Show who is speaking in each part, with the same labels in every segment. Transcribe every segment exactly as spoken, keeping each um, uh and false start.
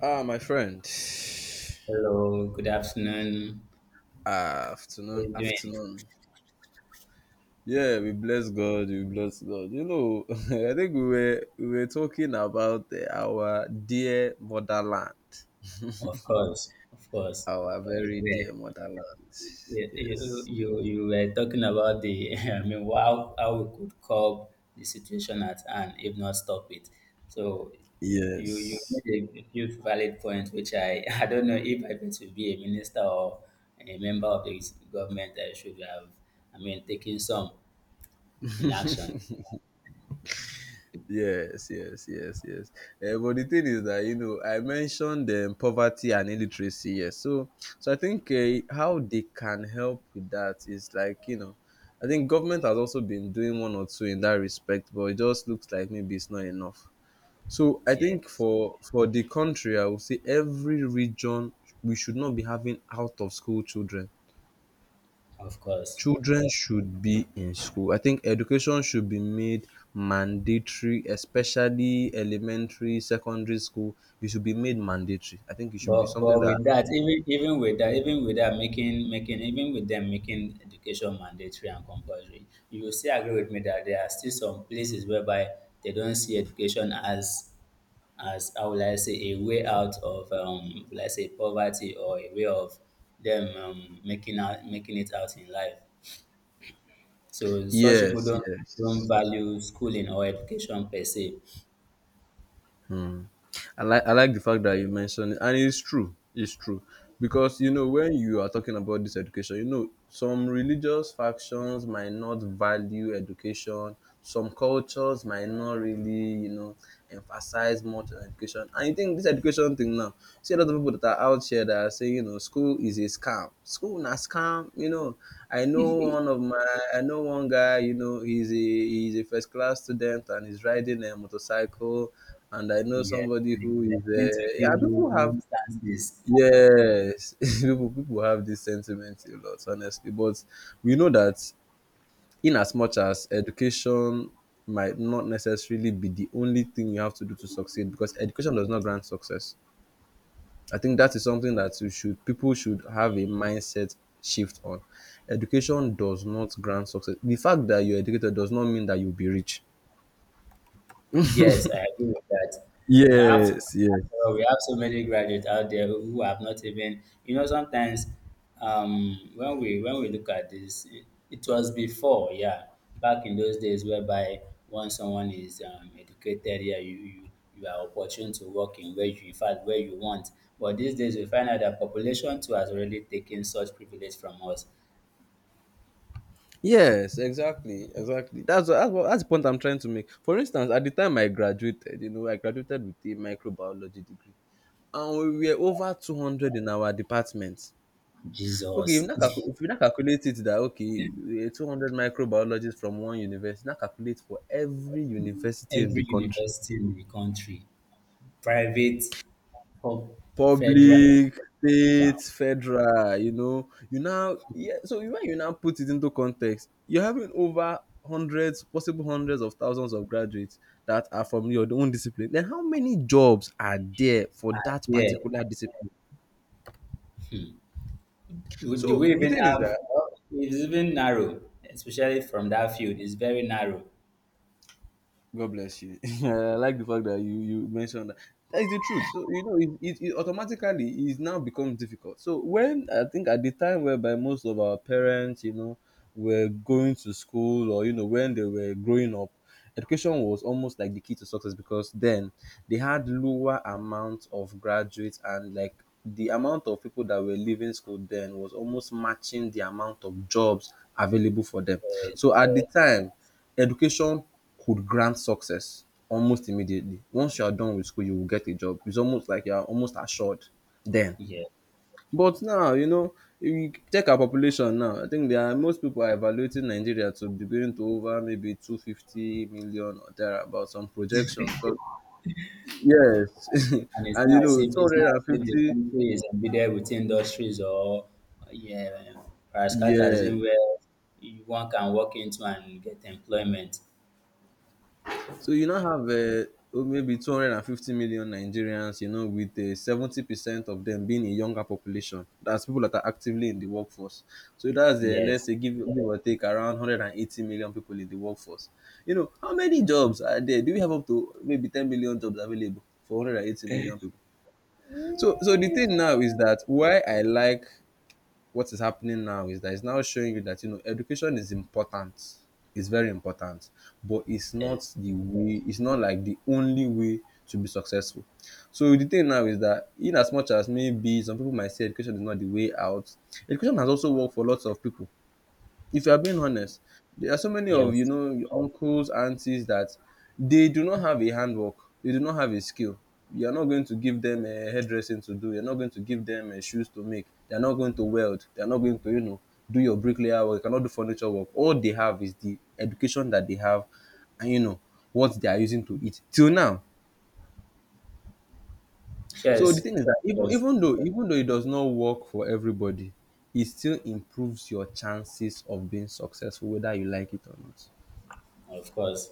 Speaker 1: Ah, my friend.
Speaker 2: Hello, good afternoon.
Speaker 1: Ah,
Speaker 2: How
Speaker 1: afternoon,
Speaker 2: you doing?
Speaker 1: afternoon. Yeah, we bless God. We bless God. You know, I think we were we were talking about eh, our dear motherland,
Speaker 2: Of course, of course.
Speaker 1: our
Speaker 2: We
Speaker 1: very
Speaker 2: were-
Speaker 1: dear motherland.
Speaker 2: You, you,
Speaker 1: Yes,
Speaker 2: you you were talking about the, I mean, how, how we could curb the situation at hand, if not stop it. So you, you
Speaker 1: yes.
Speaker 2: made a few valid points, which I, I don't know if I meant to be a minister or a member of the government, I should have, I mean, taken some in action.
Speaker 1: Yes, yes, yes, yes. Eh, but the thing is that you know I mentioned um, poverty and illiteracy. Yes, so so I think uh, how they can help with that is like you know, I think government has also been doing one or two in that respect, but it just looks like maybe it's not enough. So I think
Speaker 2: Yes,
Speaker 1: for for the country, I would say every region we should not be having out of school children.
Speaker 2: of course.
Speaker 1: Children should be in school. I think education should be made mandatory, especially elementary, secondary school. It should be made mandatory. I think it should be
Speaker 2: But
Speaker 1: something
Speaker 2: but
Speaker 1: that
Speaker 2: with that, even even with that, even with that, making making even with them making education mandatory and compulsory, you will still agree with me that there are still some places whereby they don't see education as as how will I say a way out of um let's say poverty or a way of them um, making out making it out in life. So such people
Speaker 1: yes,
Speaker 2: don't don't
Speaker 1: yes.
Speaker 2: value schooling or education per se.
Speaker 1: I like I like the fact that you mentioned it, and it's true. It's true because you know when you are talking about this education, you know some religious factions might not value education. Some cultures might not really you know emphasize much on education. And you think this education thing now? See a lot of people that are out here that are saying you know school is a scam. School na scam. You know I know one of my I know one guy. You know he's a he's a first class student and he's riding a motorcycle, and I know
Speaker 2: Yeah,
Speaker 1: somebody
Speaker 2: I'm
Speaker 1: who is
Speaker 2: going to
Speaker 1: uh, yeah,
Speaker 2: give
Speaker 1: people
Speaker 2: you
Speaker 1: have
Speaker 2: instances.
Speaker 1: yes. people people have this sentiment a lot, honestly, but we know that in as much as education might not necessarily be the only thing you have to do to succeed, because education does not grant success. I think that is something that you should people should have a mindset shift on. Education does not grant success. The fact that you're educated does not mean that you'll be rich.
Speaker 2: Yes, I agree with that. After,
Speaker 1: Yes, yes.
Speaker 2: after all, we have so many graduates out there who have not even, you know, sometimes um, when we when we look at this, it, it was before, yeah, back in those days whereby once someone is um, educated, yeah, you, you you are opportune to work in where you, in fact, where you want. But these days we find out that population too has already taken such privilege from us.
Speaker 1: Yes, exactly, exactly. That's what, that's what, that's the point I'm trying to make. For instance, at the time I graduated, you know, I graduated with a microbiology degree, and we were over two hundred in our department. Okay, if you
Speaker 2: Jesus,
Speaker 1: now calcu- if you not calculate it, that okay, eh, two hundred microbiologists from one university, now calculate for every university in the
Speaker 2: every
Speaker 1: country.
Speaker 2: university in the country, private, pub- federal.
Speaker 1: Public, state,
Speaker 2: Wow.
Speaker 1: federal, you know. You now yeah, so when you now put it into context, you're having over hundreds, possible hundreds of thousands of graduates that are from your own discipline. Then how many jobs are there for that
Speaker 2: Yeah.
Speaker 1: particular discipline?
Speaker 2: Would- Do
Speaker 1: So
Speaker 2: we
Speaker 1: the
Speaker 2: even
Speaker 1: thing is
Speaker 2: have?
Speaker 1: that
Speaker 2: Well, it's even narrow, especially from that field. It's very narrow.
Speaker 1: God bless you. I like the fact that you you mentioned that. That is the truth. So you know, it, it, it automatically is now becomes difficult. So when I think at the time whereby most of our parents, you know, were going to school or you know when they were growing up, education was almost like the key to success, because then they had lower amount of graduates, and like the amount of people that were leaving school then was almost matching the amount of jobs available for them.
Speaker 2: Yes.
Speaker 1: So at the time, education could grant success almost immediately. Once you are done with school, you will get a job. It's almost like you are almost assured then.
Speaker 2: Yeah.
Speaker 1: But now, you know, if you take our population now, I think there are most people are evaluating Nigeria to be going to over maybe two hundred fifty million or there about, some projection. Because, yes,
Speaker 2: And it's
Speaker 1: and you
Speaker 2: not as
Speaker 1: know,
Speaker 2: if it's not as if the
Speaker 1: two fifty,
Speaker 2: country is embedded with industries or yeah,
Speaker 1: yes.
Speaker 2: parastatism where you- one can walk into and get employment.
Speaker 1: So you now have uh, oh, maybe two hundred fifty million Nigerians, you know, with uh, seventy percent of them being a younger population. That's people that are actively in the workforce. So that's, uh, let's
Speaker 2: Yes.
Speaker 1: say, give, give or take around one hundred eighty million people in the workforce. You know, how many jobs are there? Do we have up to maybe ten million jobs available for one hundred eighty million people? So, so the thing now is that why I like what is happening now is that it's now showing you that you know education is important, it's very important, but it's not
Speaker 2: Yes.
Speaker 1: the way, it's not like the only way to be successful. So the thing now is that in as much as maybe some people might say education is not the way out, education has also worked for lots of people. If you are being honest, there are so many of you
Speaker 2: Yes.
Speaker 1: know your uncles, aunties that they do not have a handwork. They do not have a skill. You are not going to give them a hairdressing to do. You're not going to give them uh, shoes to make. They are not going to weld. They are not going to you know do your bricklayer work. You cannot do furniture work. All they have is the education that they have, and you know what they are using to eat till now. So the
Speaker 2: Yes.
Speaker 1: thing is that even
Speaker 2: Yes.
Speaker 1: even though even though it does not work for everybody, it still improves your chances of being successful, whether you like it or not.
Speaker 2: Of course.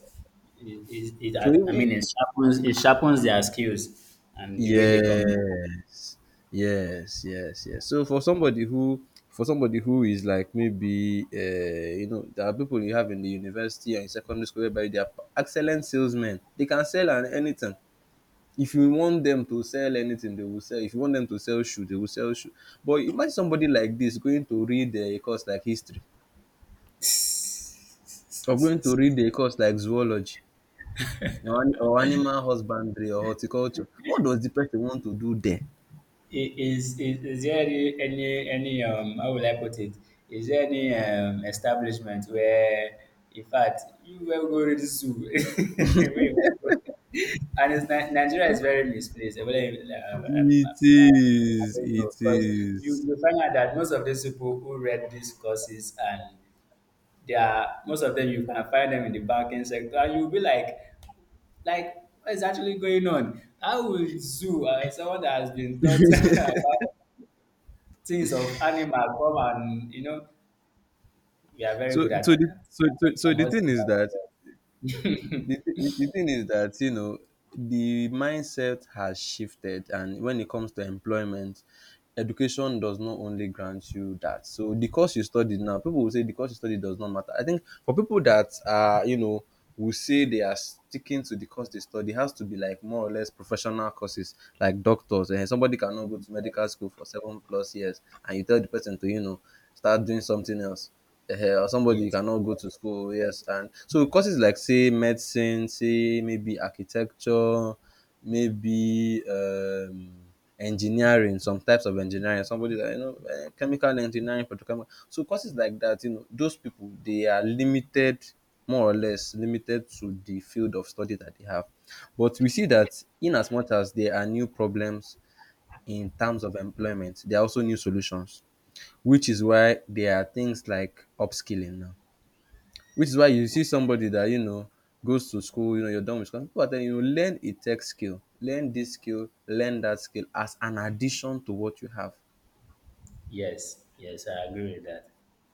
Speaker 2: It, it, it,
Speaker 1: So it,
Speaker 2: I I mean,
Speaker 1: it-
Speaker 2: it sharpens it sharpens their skills and the way they communicate.
Speaker 1: yes, yes, yes, yes. So for somebody who for somebody who is like maybe uh, you know there are people you have in the university and in secondary school whereby they are excellent salesmen. They can sell an anything. If you want them to sell anything, they will sell. If you want them to sell shoe, they will sell shoe. But imagine somebody like this going to read a course like history, or going to read a course like zoology, or, an- or animal husbandry or horticulture. What does the person want to do there?
Speaker 2: Is, is, is there any, any, any um, how will I put it? Is there any um, establishment where, in fact, you will go to the zoo? Where you want go? And it's, Ni- Nigeria is very misplaced. Whether uh, uh,
Speaker 1: It
Speaker 2: uh, I
Speaker 1: is,
Speaker 2: don't
Speaker 1: it
Speaker 2: know, because you,
Speaker 1: is.
Speaker 2: you find out that most of these people who read these courses and they are most of them you can find them in the banking sector, and you'll be like, like what is actually going on? How will zoo, uh, someone that has been taught about things of animal come and you know we are very
Speaker 1: So
Speaker 2: good at
Speaker 1: so the
Speaker 2: adapting.
Speaker 1: so so so
Speaker 2: I
Speaker 1: the
Speaker 2: must,
Speaker 1: thing
Speaker 2: I
Speaker 1: is that
Speaker 2: must give that
Speaker 1: the, thi- the thing is that you know the mindset has shifted, and when it comes to employment, education does not only grant you that. So the course you studied, now people will say the course you studied does not matter. I think for people that are you know will say they are sticking to the course they study, it has to be like more or less professional courses like doctors, and somebody cannot go to
Speaker 2: to
Speaker 1: medical
Speaker 2: us.
Speaker 1: school for seven plus years and you tell the person to you know start doing something else. Uh, or
Speaker 2: Yes,
Speaker 1: somebody
Speaker 2: yes,
Speaker 1: cannot go to school, yes. And so courses like say medicine, say maybe architecture, maybe um, engineering, some types of engineering, somebody that you know, eh, chemical engineering, petrochemical. So courses like that, you know, those people they are limited, more or less limited to the field of study that they have. But we see that in as much as there are new problems in terms of employment, there are also new solutions, which is why there are things like upskilling now. Which is why you see somebody that you know goes to school, you know, you're done with school. People are telling you learn a tech skill, learn this skill, learn that skill as an addition to what you have.
Speaker 2: yes, yes. I agree with that.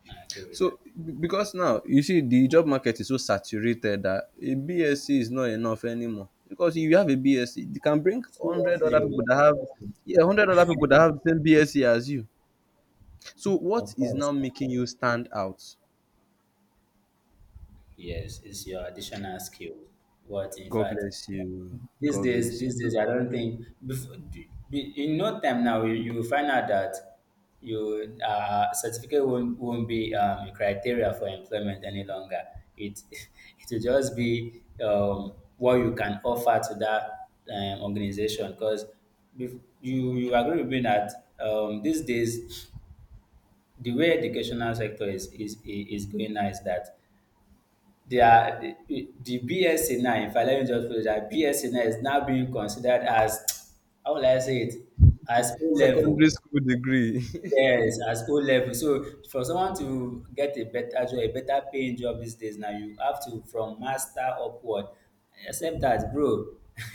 Speaker 2: I agree with that.
Speaker 1: So because now you see the job market is so saturated that a BSc is not enough anymore. Because if you have a BSc, you can bring one
Speaker 2: Seriously, oh,
Speaker 1: hundred other people
Speaker 2: seriously,
Speaker 1: that have yeah, one hundred other people that have the same BSc as you. So what
Speaker 2: of
Speaker 1: is now
Speaker 2: course.
Speaker 1: making you stand out?
Speaker 2: Yes, it's your additional skill. What in
Speaker 1: God
Speaker 2: fact
Speaker 1: bless you.
Speaker 2: these
Speaker 1: God
Speaker 2: days,
Speaker 1: bless
Speaker 2: these
Speaker 1: you.
Speaker 2: days, I don't think before, in no time now you, you will find out that you uh, certificate won't, won't be um, a criteria for employment any longer. It it will just be um, what you can offer to that um, organization because you you agree with me that um, these days the way educational sector is is is going now is that their the the BSc now, if I let me just put it that BSc now is now being considered as how will I say it? As O
Speaker 1: Secondary
Speaker 2: level.
Speaker 1: school degree.
Speaker 2: Yes, as O level. So for someone to get a better job, a better paying job these days now, you have to from master upward. Except that, bro.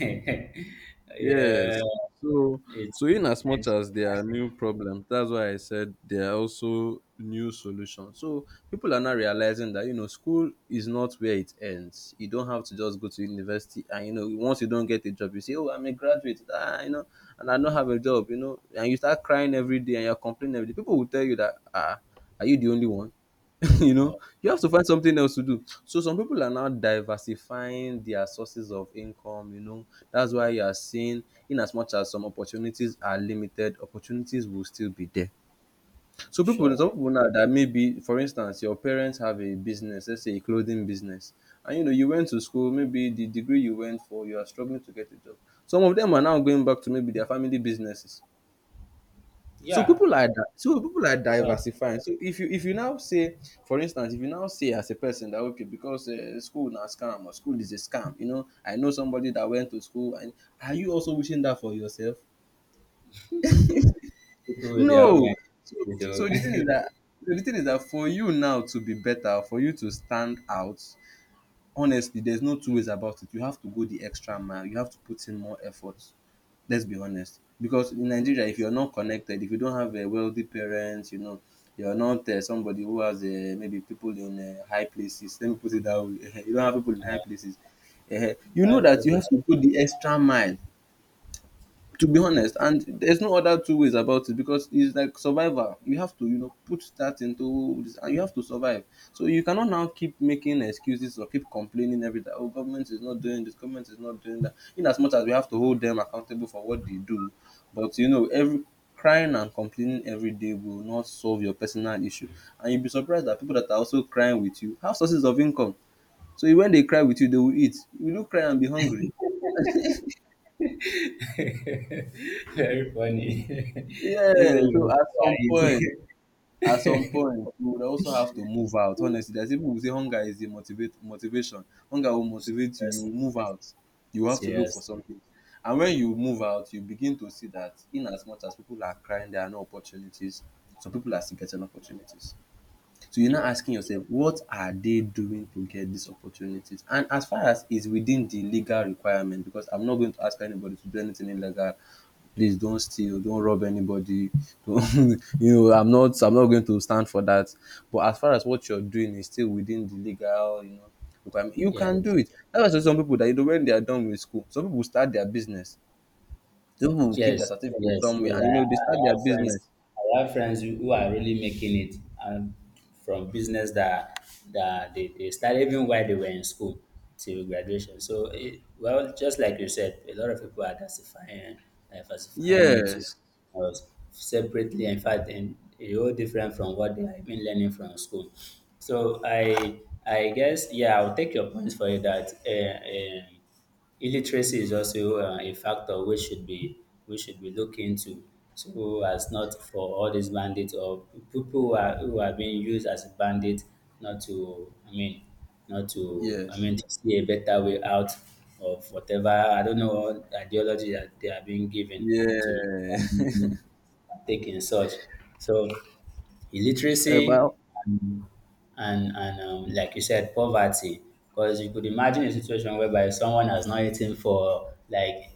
Speaker 2: Yeah,
Speaker 1: yes. So
Speaker 2: it's
Speaker 1: so in as much
Speaker 2: and
Speaker 1: as there are new problems, that's why I said there are also new solutions. So people are now realizing that you know school is not where it ends. You don't have to just go to university, and you know once you don't get a job, you say, oh, I'm a graduate, ah, you know, and I don't have a job, you know, and you start crying every day and you're complaining every day. People will tell you that ah, are you the only one? You know
Speaker 2: oh
Speaker 1: you have to find something else to do. So some people are now diversifying their sources of income, you know, that's why you are seeing in as much as some opportunities are limited, opportunities will still be there. So people,
Speaker 2: sure.
Speaker 1: some people now that maybe for instance your parents have a business, let's say a clothing business, and you know you went to school, maybe the degree you went for you are struggling to get a job, some of them are now going back to maybe their family businesses. So
Speaker 2: Yeah,
Speaker 1: people are di- so people are
Speaker 2: but
Speaker 1: diversifying. So if you if you now say, for instance, if you now say as a person that okay, because uh, school na scam or school is a scam, you know I know somebody that went to school and are you also wishing that for yourself?
Speaker 2: people with their
Speaker 1: No.
Speaker 2: own
Speaker 1: So, so the thing
Speaker 2: mentality,
Speaker 1: is
Speaker 2: though.
Speaker 1: that so the thing is that for you now to be better, for you to stand out, honestly, there's no two ways about it. You have to go the extra mile. You have to put in more effort. Let's be honest. Because in Nigeria, if
Speaker 2: Yes,
Speaker 1: you're not connected, if you don't have a wealthy parents, you know, you're not uh, somebody who has uh, maybe people in uh, high places. Let me put it that way. you don't have people in high places. Eh, you know
Speaker 2: that is
Speaker 1: that
Speaker 2: what
Speaker 1: you have
Speaker 2: is.
Speaker 1: to put the extra mile to be honest, and there's no other two ways about it, because it's like survival. You have to, you know put that into this and you have to survive. So you cannot now keep making excuses or keep complaining every time, oh, government is not doing this, government is not doing that. In as much as we have to hold them accountable for what they do, but you know every crying and complaining every day will not solve your personal issue. And you'll be surprised that people that are also crying with you have sources of income. So when they cry with you they will eat, you do cry and be hungry.
Speaker 2: Very funny.
Speaker 1: Yeah.
Speaker 2: Isn't
Speaker 1: So
Speaker 2: you?
Speaker 1: at
Speaker 2: Yeah,
Speaker 1: some point,
Speaker 2: it-
Speaker 1: at some point you would also have to move out. Honestly, there's people who say hunger is the motivate motivation. Hunger will motivate you, you will
Speaker 2: seriously,
Speaker 1: move out. You have to look for
Speaker 2: seriously.
Speaker 1: something. And when you move out you begin to see that in as much as people are crying there are no opportunities, some people are still getting opportunities. So you're now
Speaker 2: Yeah.
Speaker 1: asking yourself, what are they doing to get these opportunities? And as far as is within the legal requirement, because I'm not going to ask anybody to do anything illegal. Please don't steal, don't rob anybody. Don't, you know, I'm not, I'm not going to stand for that. But as far as what you're doing is still within the legal, you know, requirement, you can
Speaker 2: Yes.
Speaker 1: do it. That's why some people that you know when they are done with school, some people start their business. Some people will keep their
Speaker 2: Yes,
Speaker 1: certificate
Speaker 2: yes,
Speaker 1: somewhere,
Speaker 2: yes.
Speaker 1: and you
Speaker 2: I, I
Speaker 1: know they start
Speaker 2: I
Speaker 1: their
Speaker 2: have friends.
Speaker 1: business.
Speaker 2: I have friends who who are really making it, and from business that that they, they started even while they were in school till graduation. So, it, well, just like you said, a lot of people are diversifying, diversifying into something
Speaker 1: Yes,
Speaker 2: else separately. In fact, and a whole different from what they have been learning from school. So, I I guess yeah, I'll take your point for you that. Uh, um Illiteracy is also uh, a factor we should be we should be looking into, so as not for all these bandits or people who are who are being used as bandits not to I mean not to I
Speaker 1: yes,
Speaker 2: mean to see a better way out of whatever I don't know what ideology that they are being given to
Speaker 1: yeah.
Speaker 2: um, take in such. So
Speaker 1: um, I,
Speaker 2: illiteracy and and and um, like you said, poverty. Because you could imagine a situation whereby someone has not eaten for like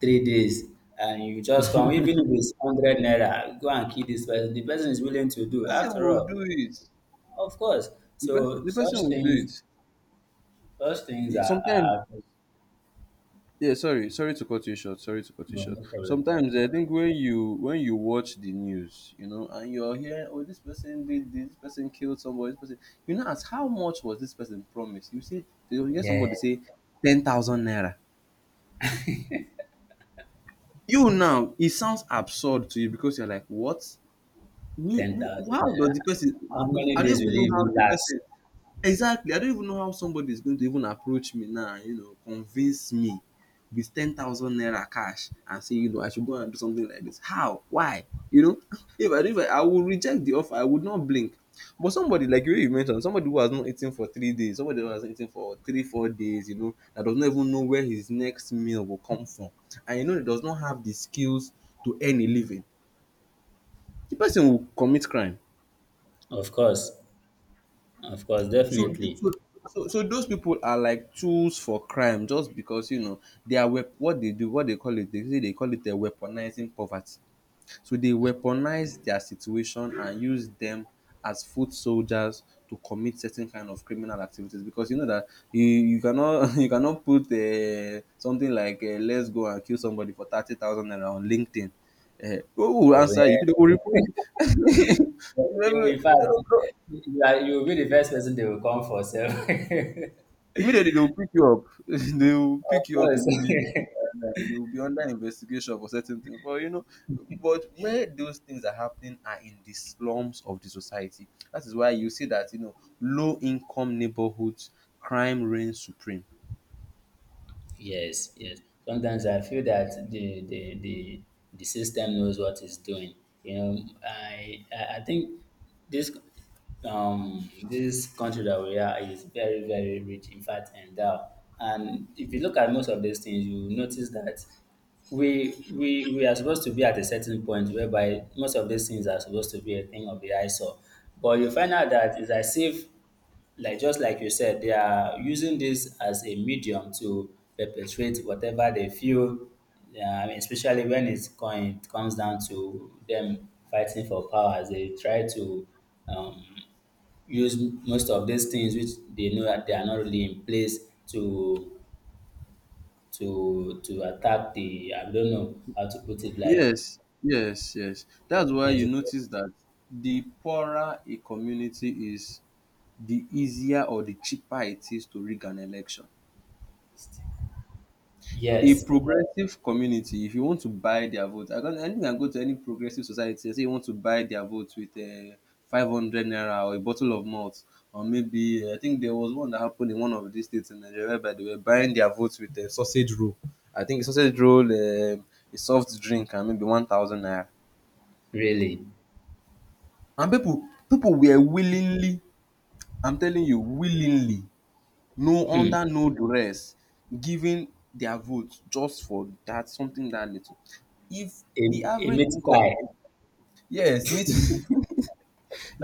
Speaker 2: three days, and you just come, even if it's hundred naira, go and kill this person. The person is willing to
Speaker 1: the
Speaker 2: do,
Speaker 1: person
Speaker 2: after
Speaker 1: will do
Speaker 2: all,
Speaker 1: it.
Speaker 2: of course.
Speaker 1: The person,
Speaker 2: So
Speaker 1: the
Speaker 2: such
Speaker 1: person will do
Speaker 2: things,
Speaker 1: it.
Speaker 2: such things
Speaker 1: E-
Speaker 2: are,
Speaker 1: Sometimes,
Speaker 2: are
Speaker 1: yeah. Sorry, sorry to cut you short. Sorry to cut you
Speaker 2: no,
Speaker 1: short.
Speaker 2: no problem.
Speaker 1: Sometimes eh, I think when you when you watch the news, you know, and you're here, oh, this person did this, this person killed somebody. This person, you know, as how much was this person promised? You see, you hear
Speaker 2: Yeah,
Speaker 1: somebody say ten thousand naira. You now, it sounds absurd to you because you're like, what? Who,
Speaker 2: ten
Speaker 1: who,
Speaker 2: thousand
Speaker 1: how does
Speaker 2: naira.
Speaker 1: the person?
Speaker 2: How
Speaker 1: How,
Speaker 2: many
Speaker 1: I don't
Speaker 2: days will
Speaker 1: even know
Speaker 2: it
Speaker 1: how
Speaker 2: even
Speaker 1: the
Speaker 2: last?
Speaker 1: person. Exactly. I don't even know how somebody is going to even approach me now, you know, convince me with ten thousand naira cash and say, you know, I should go and do something like this. How? Why? You know, if I, if I, I would reject the offer, I would not blink. But somebody like you, you mentioned, somebody who has not eaten for three days, somebody who has not eaten for three, four days, you know, that does not even know where his next meal will come from. And, you know, he does not have the skills to earn a living. The person will commit crime.
Speaker 2: Of course, of course,
Speaker 1: So,
Speaker 2: definitely.
Speaker 1: so, so, so those people are like tools for crime just because you know they are wep- what they do, what they call it. They say they call it a weaponizing poverty. So they weaponize their situation and use them as foot soldiers to commit certain kind of criminal activities, because you know that you, you cannot you cannot put uh, something like uh, let's go and kill somebody for thirty thousand naira on LinkedIn. Uh, who will answer you? People will report you. Maybe-
Speaker 2: You, in fact,
Speaker 1: eh,
Speaker 2: you are, you will be the first person they will come for. So,
Speaker 1: Immediately they will pick you up. they will
Speaker 2: of
Speaker 1: pick you up
Speaker 2: course.
Speaker 1: immediately. and, uh, You'll be under investigation for certain things. But you know, but where those things are happening are in the slums of the society. That is why you see that you know low income neighborhoods crime reigns supreme.
Speaker 2: Yes, yes. Sometimes I feel that the the the, the system knows what it's doing. You know, I I I think this um this country that we are is very very rich. In fact, endowed. And if you look at most of these things, you will notice that we we we are supposed to be at a certain point whereby most of these things are supposed to be a thing of the eyesore. But you find out that it's as if like just like you said, they are using this as a medium to perpetrate whatever they feel. Yeah, I mean, especially when it's going, it comes down to them fighting for power, as they try to um, use most of these things which they know that they are not really in place to to to attack the I don't know how to put it like
Speaker 1: Yes, yes, yes. That's why you
Speaker 2: yes,
Speaker 1: notice that the poorer a community is, the easier or the cheaper it is to rig an election. A
Speaker 2: yes
Speaker 1: progressive community, if you want to buy their vote, I can. I think I go to any progressive society and say you want to buy their vote with um five hundred naira or a bottle of malt, or maybe uh, I think there was one that happened in one of these states in Nigeria whereby they were buying their votes with a sausage roll. I think a sausage roll, um a soft drink and maybe one thousand naira.
Speaker 2: really
Speaker 1: And people, people were willingly, I'm telling you willingly, no, under no duress, giving their vote just for that something that little. If
Speaker 2: a,
Speaker 1: the
Speaker 2: a
Speaker 1: average
Speaker 2: meat
Speaker 1: income,
Speaker 2: pie.
Speaker 1: yes, meat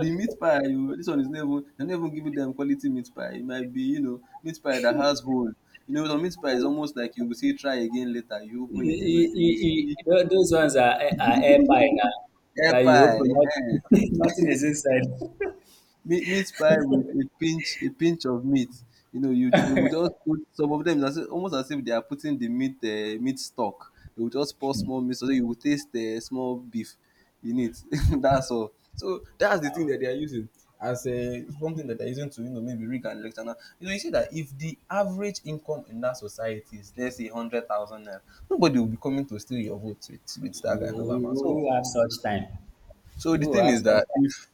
Speaker 1: the meat pie, oh, this one is never, they dem no even giving dem quality meat pie. It might be, you know, meat pie that has hole. You know some meat pie is almost like you will see. Try again later, you
Speaker 2: E-
Speaker 1: open it, you know,
Speaker 2: e-
Speaker 1: you will
Speaker 2: e- e-
Speaker 1: see
Speaker 2: tho- those ones are, are air pie now.
Speaker 1: hair
Speaker 2: That you
Speaker 1: pie,
Speaker 2: open, not, nothing is inside.
Speaker 1: meat meat pie with a pinch a pinch of meat. You know, you they will just put some of them as if, almost as if they are putting the meat, um meat stock. They would just pour small meat so that you will taste the small beef in it. That's all. So that's the thing that they are using as um something that they are using to, you know, maybe rig an election. Now you know you see that if the average income in that society is, let's say, hundred thousand naira, nobody will be coming to steal your vote with with that kind of
Speaker 2: Who,
Speaker 1: amount. So
Speaker 2: who have such time?
Speaker 1: so the
Speaker 2: Who
Speaker 1: thing
Speaker 2: have
Speaker 1: is
Speaker 2: such
Speaker 1: that
Speaker 2: time?
Speaker 1: if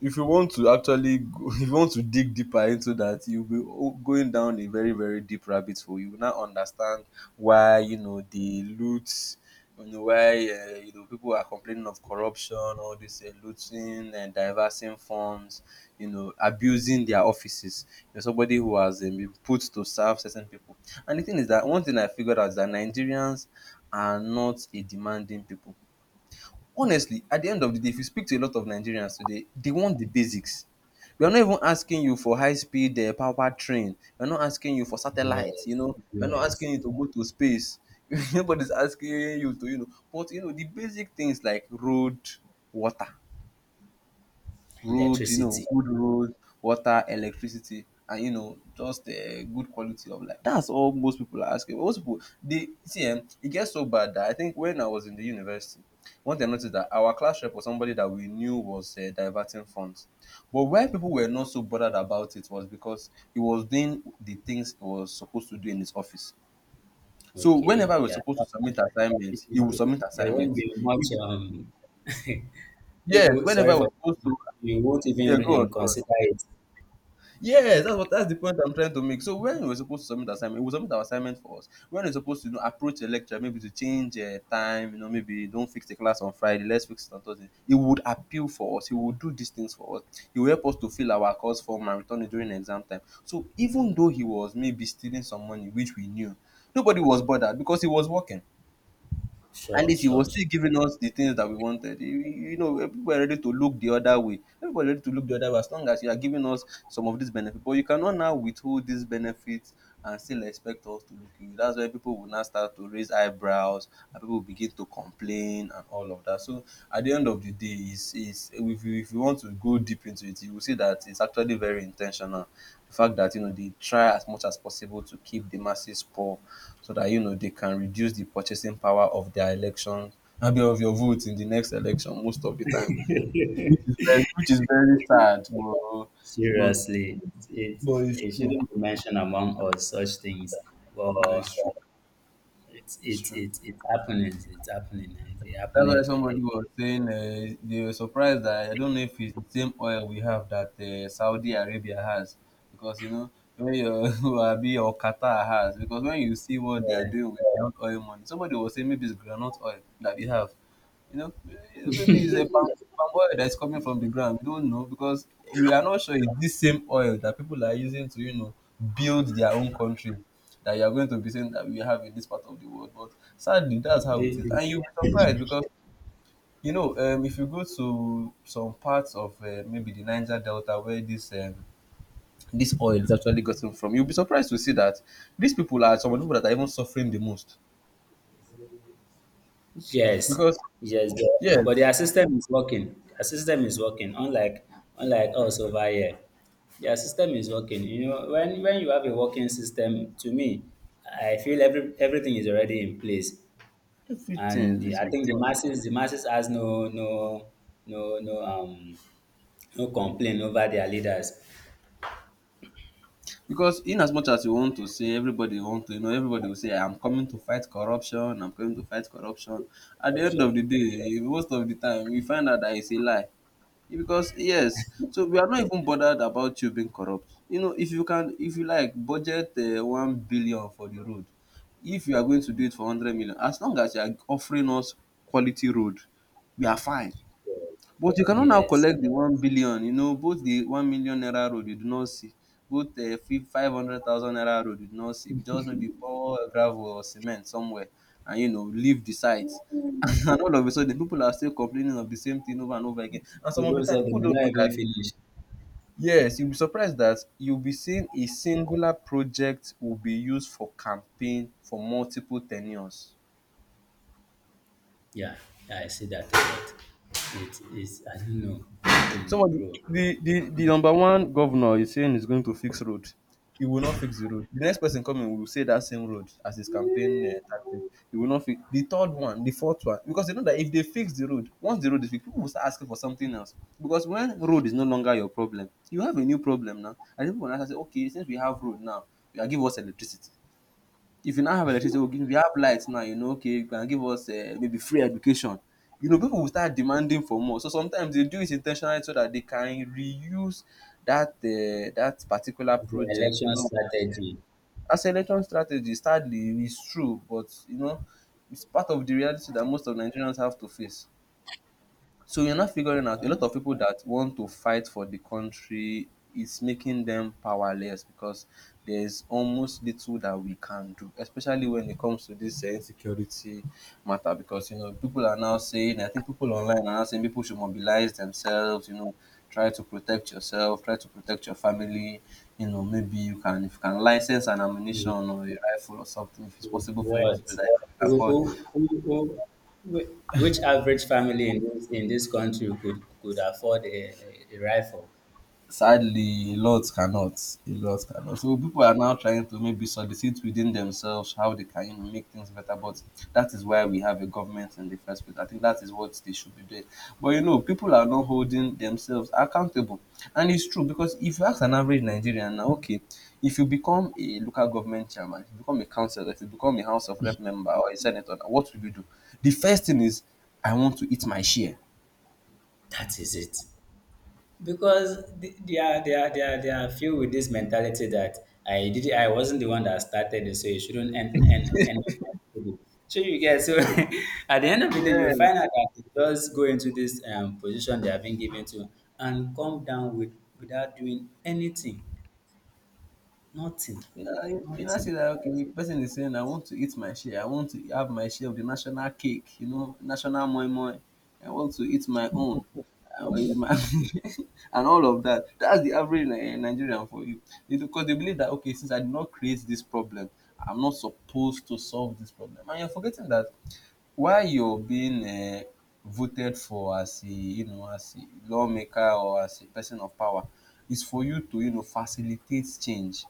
Speaker 1: if you want to actually go, if you want to dig deeper into that, you'll be o- going down a very, very deep rabbit hole. You will now understand why, you know, the loot, you know, why, uh, you know, people are complaining of corruption, all this uh, looting and diversing funds, you know, abusing their offices. You know, somebody who has um, been put to serve certain people. And the thing is that one thing I figured out is that Nigerians are not a demanding people, honestly. At the end of the day, if you speak to a lot of Nigerians today, they want the basics. We are not even asking you for high speed uh, power train. We're not asking you for satellites, you
Speaker 2: Yes,
Speaker 1: know. We're not
Speaker 2: yes.
Speaker 1: asking you to go to space. Nobody's asking you to, you know. But, you know, the basic things like road, water, road, you know,
Speaker 2: Electricity.
Speaker 1: good road, water, electricity, and you know, just a good quality of life. That's all most people are asking. Most people, they see, um, it gets so bad that I think when I was in the university, one thing I noticed that our class rep was somebody that we knew was uh, diverting funds, but why people were not so bothered about it was because he was doing the things he was supposed to do in his office. So
Speaker 2: Okay,
Speaker 1: whenever we were
Speaker 2: yeah.
Speaker 1: supposed to submit assignments, he would submit
Speaker 2: There won't
Speaker 1: assignments.
Speaker 2: be much.
Speaker 1: If,
Speaker 2: Um, you
Speaker 1: yes,
Speaker 2: go,
Speaker 1: whenever I
Speaker 2: sorry
Speaker 1: was
Speaker 2: for
Speaker 1: supposed to,
Speaker 2: you won't
Speaker 1: yeah,
Speaker 2: even
Speaker 1: go on,
Speaker 2: uh,
Speaker 1: go on.
Speaker 2: consider it.
Speaker 1: Yes, that's what that's the point I'm trying to make. So when we were supposed to submit assignment, we submit our assignment for us. When we're supposed to, you know, approach a lecturer, maybe to change uh, time, you know, maybe don't fix the class on Friday, let's fix it on Thursday. He would appeal for us. He would do these things for us. He will help us to fill our course form and return it during exam time. So even though he was maybe stealing some money, which we knew, nobody was bothered because he was working. At
Speaker 2: Sure,
Speaker 1: least he was
Speaker 2: sure.
Speaker 1: still giving us the things that we wanted. You, you know, people are ready to look the other way. Everybody ready to look the other way as long as you are giving us some of these benefits. But you cannot now withhold these benefits and still expect us to look you. That's why people will now start to raise eyebrows and people will begin to complain and all of that. So at the end of the day, is is if you, if you want to go deep into it, you will see that it's actually very intentional. The fact that you know they try as much as possible to keep the masses poor so that you know they can reduce the purchasing power of their elections, maybe of your vote in the next election most of the time,
Speaker 2: Sure.
Speaker 1: which is very, which is very sad, but, but,
Speaker 2: Seriously, it
Speaker 1: but it's
Speaker 2: it
Speaker 1: true,
Speaker 2: shouldn't be mentioned among us such things, but
Speaker 1: but it's true,
Speaker 2: it's
Speaker 1: it's
Speaker 2: it
Speaker 1: true.
Speaker 2: it it's happening. It's happening. They
Speaker 1: That's
Speaker 2: happen
Speaker 1: why
Speaker 2: every
Speaker 1: somebody
Speaker 2: day.
Speaker 1: was saying uh, they were surprised. That I don't know if it's the same oil we have that uh, Saudi Arabia has, because you know when your Abi or Qatar has, because when you see what they are
Speaker 2: Yeah.
Speaker 1: doing with their own oil money, somebody was saying maybe it's granite oil that we have. You know, eh, maybe it's a palm, palm oil that's coming from the ground. We don't know because we are not sure it's this same oil that people are using to, you know, build their own country, that you are going to be saying that we have in this part of the world. But sadly, that's how
Speaker 2: The-
Speaker 1: it is.
Speaker 2: the-
Speaker 1: And you'll be surprised because, you know, um, if you go to some parts of uh, maybe the Niger Delta where this um, this oil is actually gotten from, you'll be surprised to see that these people are some of the people that are even suffering the most.
Speaker 2: yes,
Speaker 1: Because,
Speaker 2: yes, but,
Speaker 1: yes,
Speaker 2: but their system is working. Their system is working. Unlike unlike us over here, their system is working. You know, when when you have a working system, to me, I feel every everything is already in place. And
Speaker 1: everything
Speaker 2: the,
Speaker 1: is.
Speaker 2: I think the masses the masses has no no no no um no complaint over their leaders.
Speaker 1: Because in as much as you want to say everybody want to, you know, everybody will say I'm coming to fight corruption, I'm coming to fight corruption. At the end of
Speaker 2: Corruption.
Speaker 1: the day, eh, most of the time we find out that it's a lie. Because yes, so we are not even bothered about you being corrupt. You know, if you can, if you like, budget uh, one billion for the road. If you are going to do it for hundred million, as long as you are offering us quality road, we are fine. But you cannot now
Speaker 2: Yes.
Speaker 1: collect the one billion, you know, both the one million naira road you do not see, both um five hundred thousand naira road you do not see. You just maybe pour gravel or cement somewhere and you know leave the site. And all of a sudden people are still complaining of the same thing over and over again. And some of the
Speaker 2: Even
Speaker 1: time
Speaker 2: so they
Speaker 1: people
Speaker 2: may
Speaker 1: don't
Speaker 2: not
Speaker 1: know that,
Speaker 2: even finish.
Speaker 1: yes, you'll be surprised that you'll be seeing a singular project will be used for campaign for multiple ten ures.
Speaker 2: Yeah, yeah, I see that a lot. It is I don't know, I don't
Speaker 1: Some
Speaker 2: know,
Speaker 1: of the
Speaker 2: bro. As
Speaker 1: the the the number one governor is saying he's going to fix road. He will not fix the road. The next person coming will say that same road as his campaign uh, tactic. He will not fix the third one, the fourth one, because they know that if they fix the road, once the road is fixed, people will start asking for something else. Because when road is no longer your problem, you have a new problem now. And people will now say, okay, since we have road now, you are give us electricity. If you now have electricity, oh, give, we have light now, you know, okay, you can give us uh, maybe free education. You know, people will start demanding for more. So sometimes they do it intentionally so that they can reuse that uh, that particular
Speaker 2: the
Speaker 1: project. You
Speaker 2: election
Speaker 1: know,
Speaker 2: strategy,
Speaker 1: as election strategy, sadly, it's true, but you know, it's part of the reality that most of Nigerians have to face. So you're not figuring out a
Speaker 2: huh?
Speaker 1: lot of people that want to fight for the country is making them powerless because there's almost little that we can do, especially when it comes to this uh, insecurity matter. Because you know, people are now saying, I think people online are now saying people should mobilize themselves, you know, try to protect yourself, try to protect your family. You know, maybe you can, if you can license an ammunition
Speaker 2: With,
Speaker 1: or a rifle or something, if it's
Speaker 2: with
Speaker 1: possible for you to do
Speaker 2: what?
Speaker 1: that, you can
Speaker 2: Who,
Speaker 1: afford.
Speaker 2: who, who, who, whi- which average family in this in this country could could afford a, a a rifle?
Speaker 1: Sadly, a lot cannot. A lot cannot. So people are now trying to maybe solicit within themselves how they can, you know, make things better. But that is why we have a government in the first place. I think that is what they should be doing. But you know, people are not holding themselves accountable, and it's true because if you ask an average Nigerian now, okay, if you become a local government chairman, if you become a councillor, if you become a House of Rep member or a senator, what will you do? The first thing is, I want to eat my share.
Speaker 2: That is it. Because th- they are they are they are they are filled with this mentality that I did I wasn't the one that started it, so you shouldn't end end end on my table. So you get so at the end of the day, you find out that they just go into this um, position they have been given to and come down with without doing anything, nothing,
Speaker 1: You know, you you know, I see
Speaker 2: nothing.
Speaker 1: that, okay, the person is saying, I want to eat my share, I want to have my share of the national cake, you know, national moi moi, I want to eat my own, I want to eat my and all of that. That's the average Ni- eh, Nigerian for you. Because they believe that, okay, since I did not create this problem, I'm not supposed to solve this problem. And you're forgetting that while you're being uh, voted for as a, you know, as a lawmaker or as a person of power, is for you to, you know, facilitate change.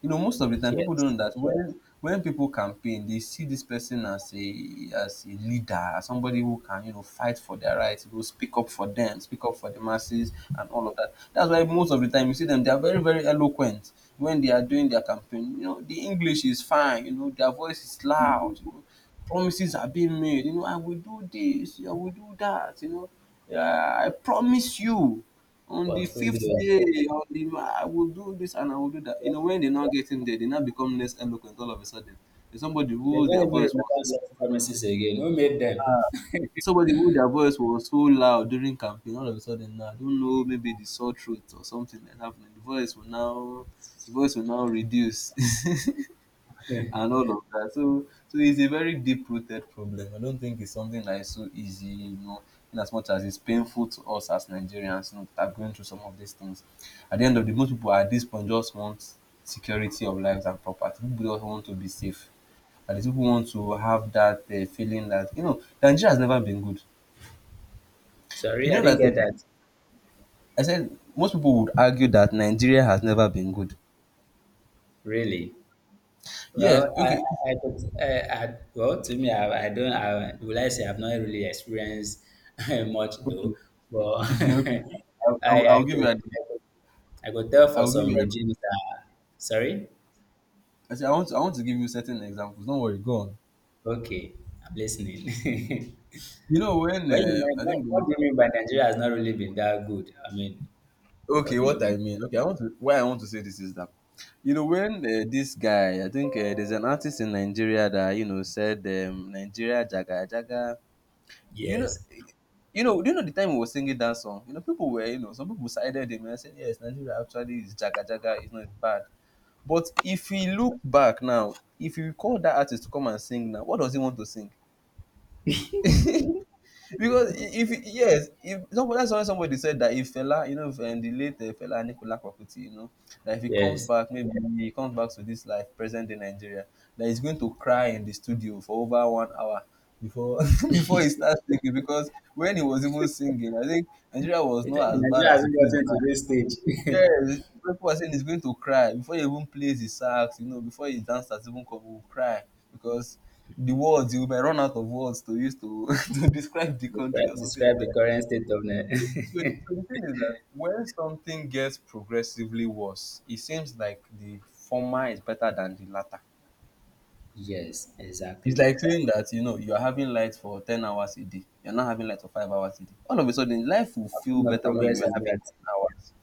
Speaker 1: You know, most of the time people
Speaker 2: Yes,
Speaker 1: don't know that, when when people campaign, they see this person as a, as a leader, as somebody who can, you know, fight for their rights, who will speak up for them, speak up for the masses and all of that. That's why most of the time you see them, they are very very eloquent when they are doing their campaign. You know, the English is fine, you know, their voice is loud, you know, promises are being made, you know, I will do this, I will do that, you know, yeah, I promise you on the fifth
Speaker 2: portfolios.
Speaker 1: day, on the ma I will do this and I will do that. You know, when they are not getting there, they now become less eloquent all of a sudden. There's somebody
Speaker 2: They
Speaker 1: who
Speaker 2: don't
Speaker 1: their
Speaker 2: even
Speaker 1: voice was
Speaker 2: remember
Speaker 1: so
Speaker 2: such promises again. Who made them?
Speaker 1: ah, somebody who their voice was so loud during campaign, all of a sudden now, I don't know, maybe the sore throat or something that's happening. The voice will now the voice will now reduce. and all of that. So, so, it's a very deep-rooted problem. I don't think it's something that is so easy, you know, in as much as it's painful to us as Nigerians, you know, that are going through some of these things. At the end of the most people at this point just want security of lives and property. People just want to be safe. And these people want to have that uh, feeling that, you know, Nigeria has never been good. You
Speaker 2: Sorry, I
Speaker 1: know
Speaker 2: didn't
Speaker 1: that
Speaker 2: get that.
Speaker 1: I said most people would argue that Nigeria has never been good.
Speaker 2: Really.
Speaker 1: Yes,
Speaker 2: Well, I
Speaker 1: okay,
Speaker 2: I could eh, I well, to me, I I don't, I will I say I've not really experienced much
Speaker 1: okay,
Speaker 2: though, but
Speaker 1: okay. I, I,
Speaker 2: I
Speaker 1: will- I
Speaker 2: I
Speaker 1: will give you
Speaker 2: could
Speaker 1: an.
Speaker 2: I could I could tell
Speaker 1: I
Speaker 2: for
Speaker 1: will give
Speaker 2: some
Speaker 1: you an.
Speaker 2: regimes that, sorry?
Speaker 1: I say I want to, I want to give you certain examples. Don't worry, go on.
Speaker 2: Okay, I'm listening.
Speaker 1: You know when
Speaker 2: When you
Speaker 1: um,
Speaker 2: mean,
Speaker 1: I
Speaker 2: what
Speaker 1: think,
Speaker 2: what do you mean by Nigeria has not really been that good? I mean, what
Speaker 1: okay,
Speaker 2: do you
Speaker 1: what
Speaker 2: mean?
Speaker 1: I mean. Okay, I want to, why I want to say this is that you know when uh, this guy, I think uh, there's an artist in Nigeria that, you know, said um, Nigeria jaga jaga. You know,
Speaker 2: Yes,
Speaker 1: you know, do you know the time he was singing that song? You know, people were, you know some people sided him and said yes, Nigeria actually is jaga jaga. It's not bad. But if we look back now, if you call that artist to come and sing now, what does he want to sing? Because if yes, if somebody, that's why somebody said that if Fela, you know, if, um, the late uh, Fela Nicola Kwakuti, you know, that if he comes
Speaker 2: yes.
Speaker 1: back, maybe he comes back to this life present in Nigeria, that he's going to cry in the studio for over one hour before before he starts singing. Because when he was even singing, I think Nigeria was
Speaker 2: It-
Speaker 1: not as bad
Speaker 2: Nigeria
Speaker 1: as it
Speaker 2: hasn't
Speaker 1: is
Speaker 2: gotten to
Speaker 1: now.
Speaker 2: this stage.
Speaker 1: Yes, people are saying he's going to cry before he even plays the sax, you know, before his dancers even come, he will cry because the words, you might run out of words to use to to describe the country
Speaker 2: Describe
Speaker 1: or something like
Speaker 2: describe
Speaker 1: that.
Speaker 2: the current state of
Speaker 1: So, so, the,
Speaker 2: Nigeria.
Speaker 1: so the thing is that when something gets progressively worse, it seems like the former is better than the latter.
Speaker 2: Yes,
Speaker 1: It's
Speaker 2: exactly.
Speaker 1: like saying that, you know, you're having light for ten hours a day. You're not having light for five hours a day. All of a sudden, life will
Speaker 2: What
Speaker 1: feel
Speaker 2: kind of
Speaker 1: better when you
Speaker 2: progress
Speaker 1: were
Speaker 2: is
Speaker 1: having
Speaker 2: that?
Speaker 1: ten hours.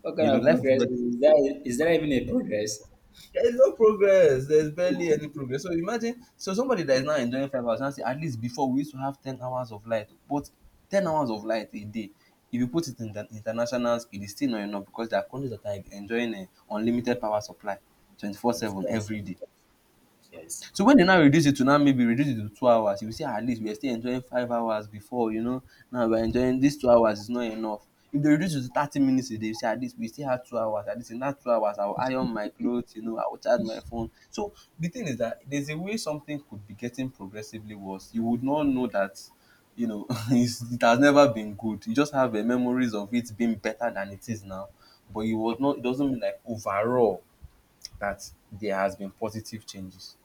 Speaker 2: What
Speaker 1: You
Speaker 2: kind
Speaker 1: know,
Speaker 2: of
Speaker 1: life will
Speaker 2: progress
Speaker 1: feel.
Speaker 2: is is that? Is that even a progress?
Speaker 1: There's no progress. There's barely any progress. So imagine, so somebody that is now enjoying five hours, now say at least before we used to have ten hours of light, but ten hours of light a day, if you put it in the international scale, it's still not enough because there are countries that are enjoying an unlimited power supply, twenty four
Speaker 2: Of
Speaker 1: seven
Speaker 2: course,
Speaker 1: every day.
Speaker 2: yes.
Speaker 1: So when they now reduce it to now maybe reduce it to two hours, you will say at least we are still enjoying five hours before, you know. Now we are enjoying this two hours is not enough. If they reduce it to thirty minutes a day, you say at least we still have two hours. At least in that two hours, I will iron my clothes, you know, I will charge my phone. So the thing is that there's a way something could be getting progressively worse. You would not know that, you know, it's, it has never been good. You just have uh, memories of it being better than it is now. But it was not. It doesn't mean like overall that there has been positive changes.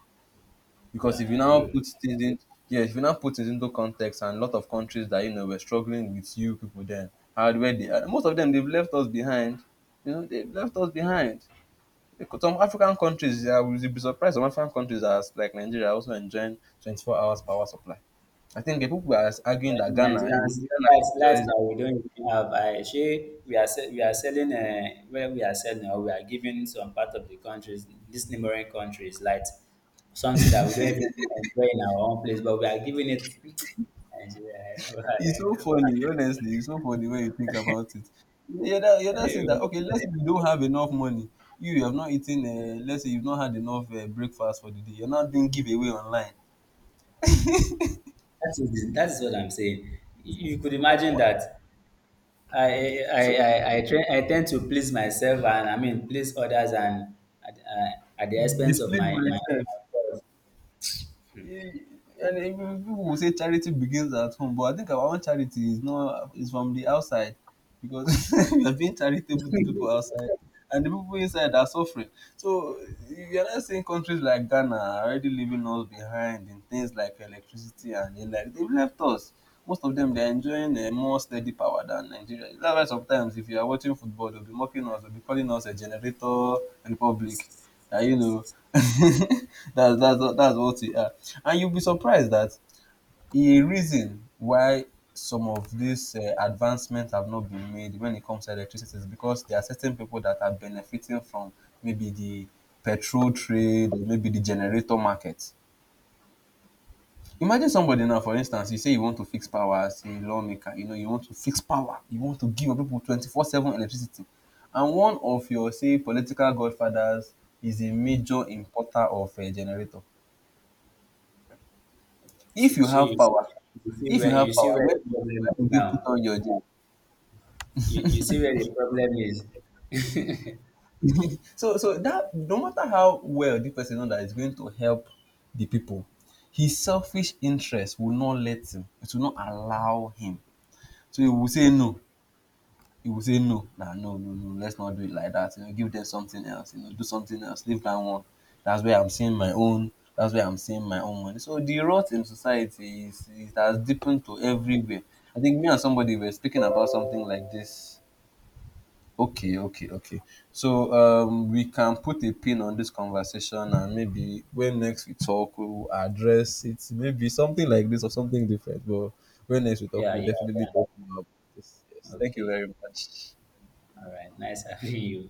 Speaker 1: Because
Speaker 2: Yeah,
Speaker 1: if you
Speaker 2: I
Speaker 1: now
Speaker 2: agree with
Speaker 1: put
Speaker 2: you.
Speaker 1: things in, yeah, if you now put things into context, and a lot of countries that you know were struggling with you people then, hardware, they, uh, most of them, they've left us behind. You know, they've left us behind. Because some African countries, I would be surprised. Some African countries, as like Nigeria, are also enjoying twenty four hours power supply. I think the people are arguing that
Speaker 2: And
Speaker 1: Ghana,
Speaker 2: Nigerians,
Speaker 1: Ghana
Speaker 2: that's lights
Speaker 1: enjoys.
Speaker 2: that we don't even have. I she, we are se- we are selling uh, where we are selling or we are giving some part of the countries, these neighboring countries, light something that we don't even enjoy in our own place, but we are giving it. Nigeria, I don't
Speaker 1: It's so
Speaker 2: even-
Speaker 1: funny, honestly. It's so funny when you think about it. You're not, you're
Speaker 2: I don't
Speaker 1: not saying that, okay,
Speaker 2: even-
Speaker 1: let's say you don't have enough money. You, you have not eaten, uh, let's say you've not had enough uh, breakfast for the day. You're not doing giveaway online.
Speaker 2: that is that is what I'm saying. You could
Speaker 1: Oh,
Speaker 2: imagine
Speaker 1: what?
Speaker 2: that I I
Speaker 1: So,
Speaker 2: I I try I tend to please myself and I mean please others and at, uh, at the expense of
Speaker 1: displace
Speaker 2: my my
Speaker 1: myself.
Speaker 2: myself.
Speaker 1: Eh, and eh, people will say charity begins at home, but I think our own charity is not is from the outside because we are being charitable to people outside, and the people inside are suffering. So you are not seeing countries like Ghana are already leaving us behind in things like electricity and the like. They've left us. Most of them they're enjoying a more steady power than Nigeria. That's why sometimes if you are watching football, they'll be mocking us, they'll be calling us a generator republic. Ah, you know, that's that's what- that's what we are. And you'll be surprised that a reason why some of these uh, advancements have not been made when it comes to electricity is because there are certain people that are benefiting from maybe the petrol trade or maybe the generator market. Imagine somebody now, for instance, you say you want to fix power as a lawmaker, you know, you want to fix power, you want to give your people twenty four seven electricity. And one of your, say, political godfathers is a major importer of a generator. If
Speaker 2: See,
Speaker 1: you
Speaker 2: shey
Speaker 1: have
Speaker 2: you see,
Speaker 1: power,
Speaker 2: you see
Speaker 1: if you
Speaker 2: where you
Speaker 1: have
Speaker 2: see
Speaker 1: power,
Speaker 2: where
Speaker 1: where,
Speaker 2: the problem
Speaker 1: where
Speaker 2: is
Speaker 1: would you put
Speaker 2: now.
Speaker 1: on your gen?
Speaker 2: You you see where the problem is.
Speaker 1: So, so that no matter how well the person know that is going to help the people, his selfish interest will not let him, it will not allow him. So he will say no. You will say no, nah, no, no, no, let's not do it like that, you know give them something else, you know do something else, leave that one. that's where i'm seeing my own that's where I'm seeing my own money. So the rot in society is it has deepened to everywhere. I think me and somebody were speaking about something like this. Okay, okay, okay. So um we can put a pin on this conversation, and maybe when next we talk we'll address it, maybe something like this or something different. But when next we talk
Speaker 2: Yeah,
Speaker 1: we'll
Speaker 2: yeah
Speaker 1: definitely
Speaker 2: yeah.
Speaker 1: talk about this. Yes, thank you
Speaker 2: Okay.
Speaker 1: very much.
Speaker 2: All right. Nice having you.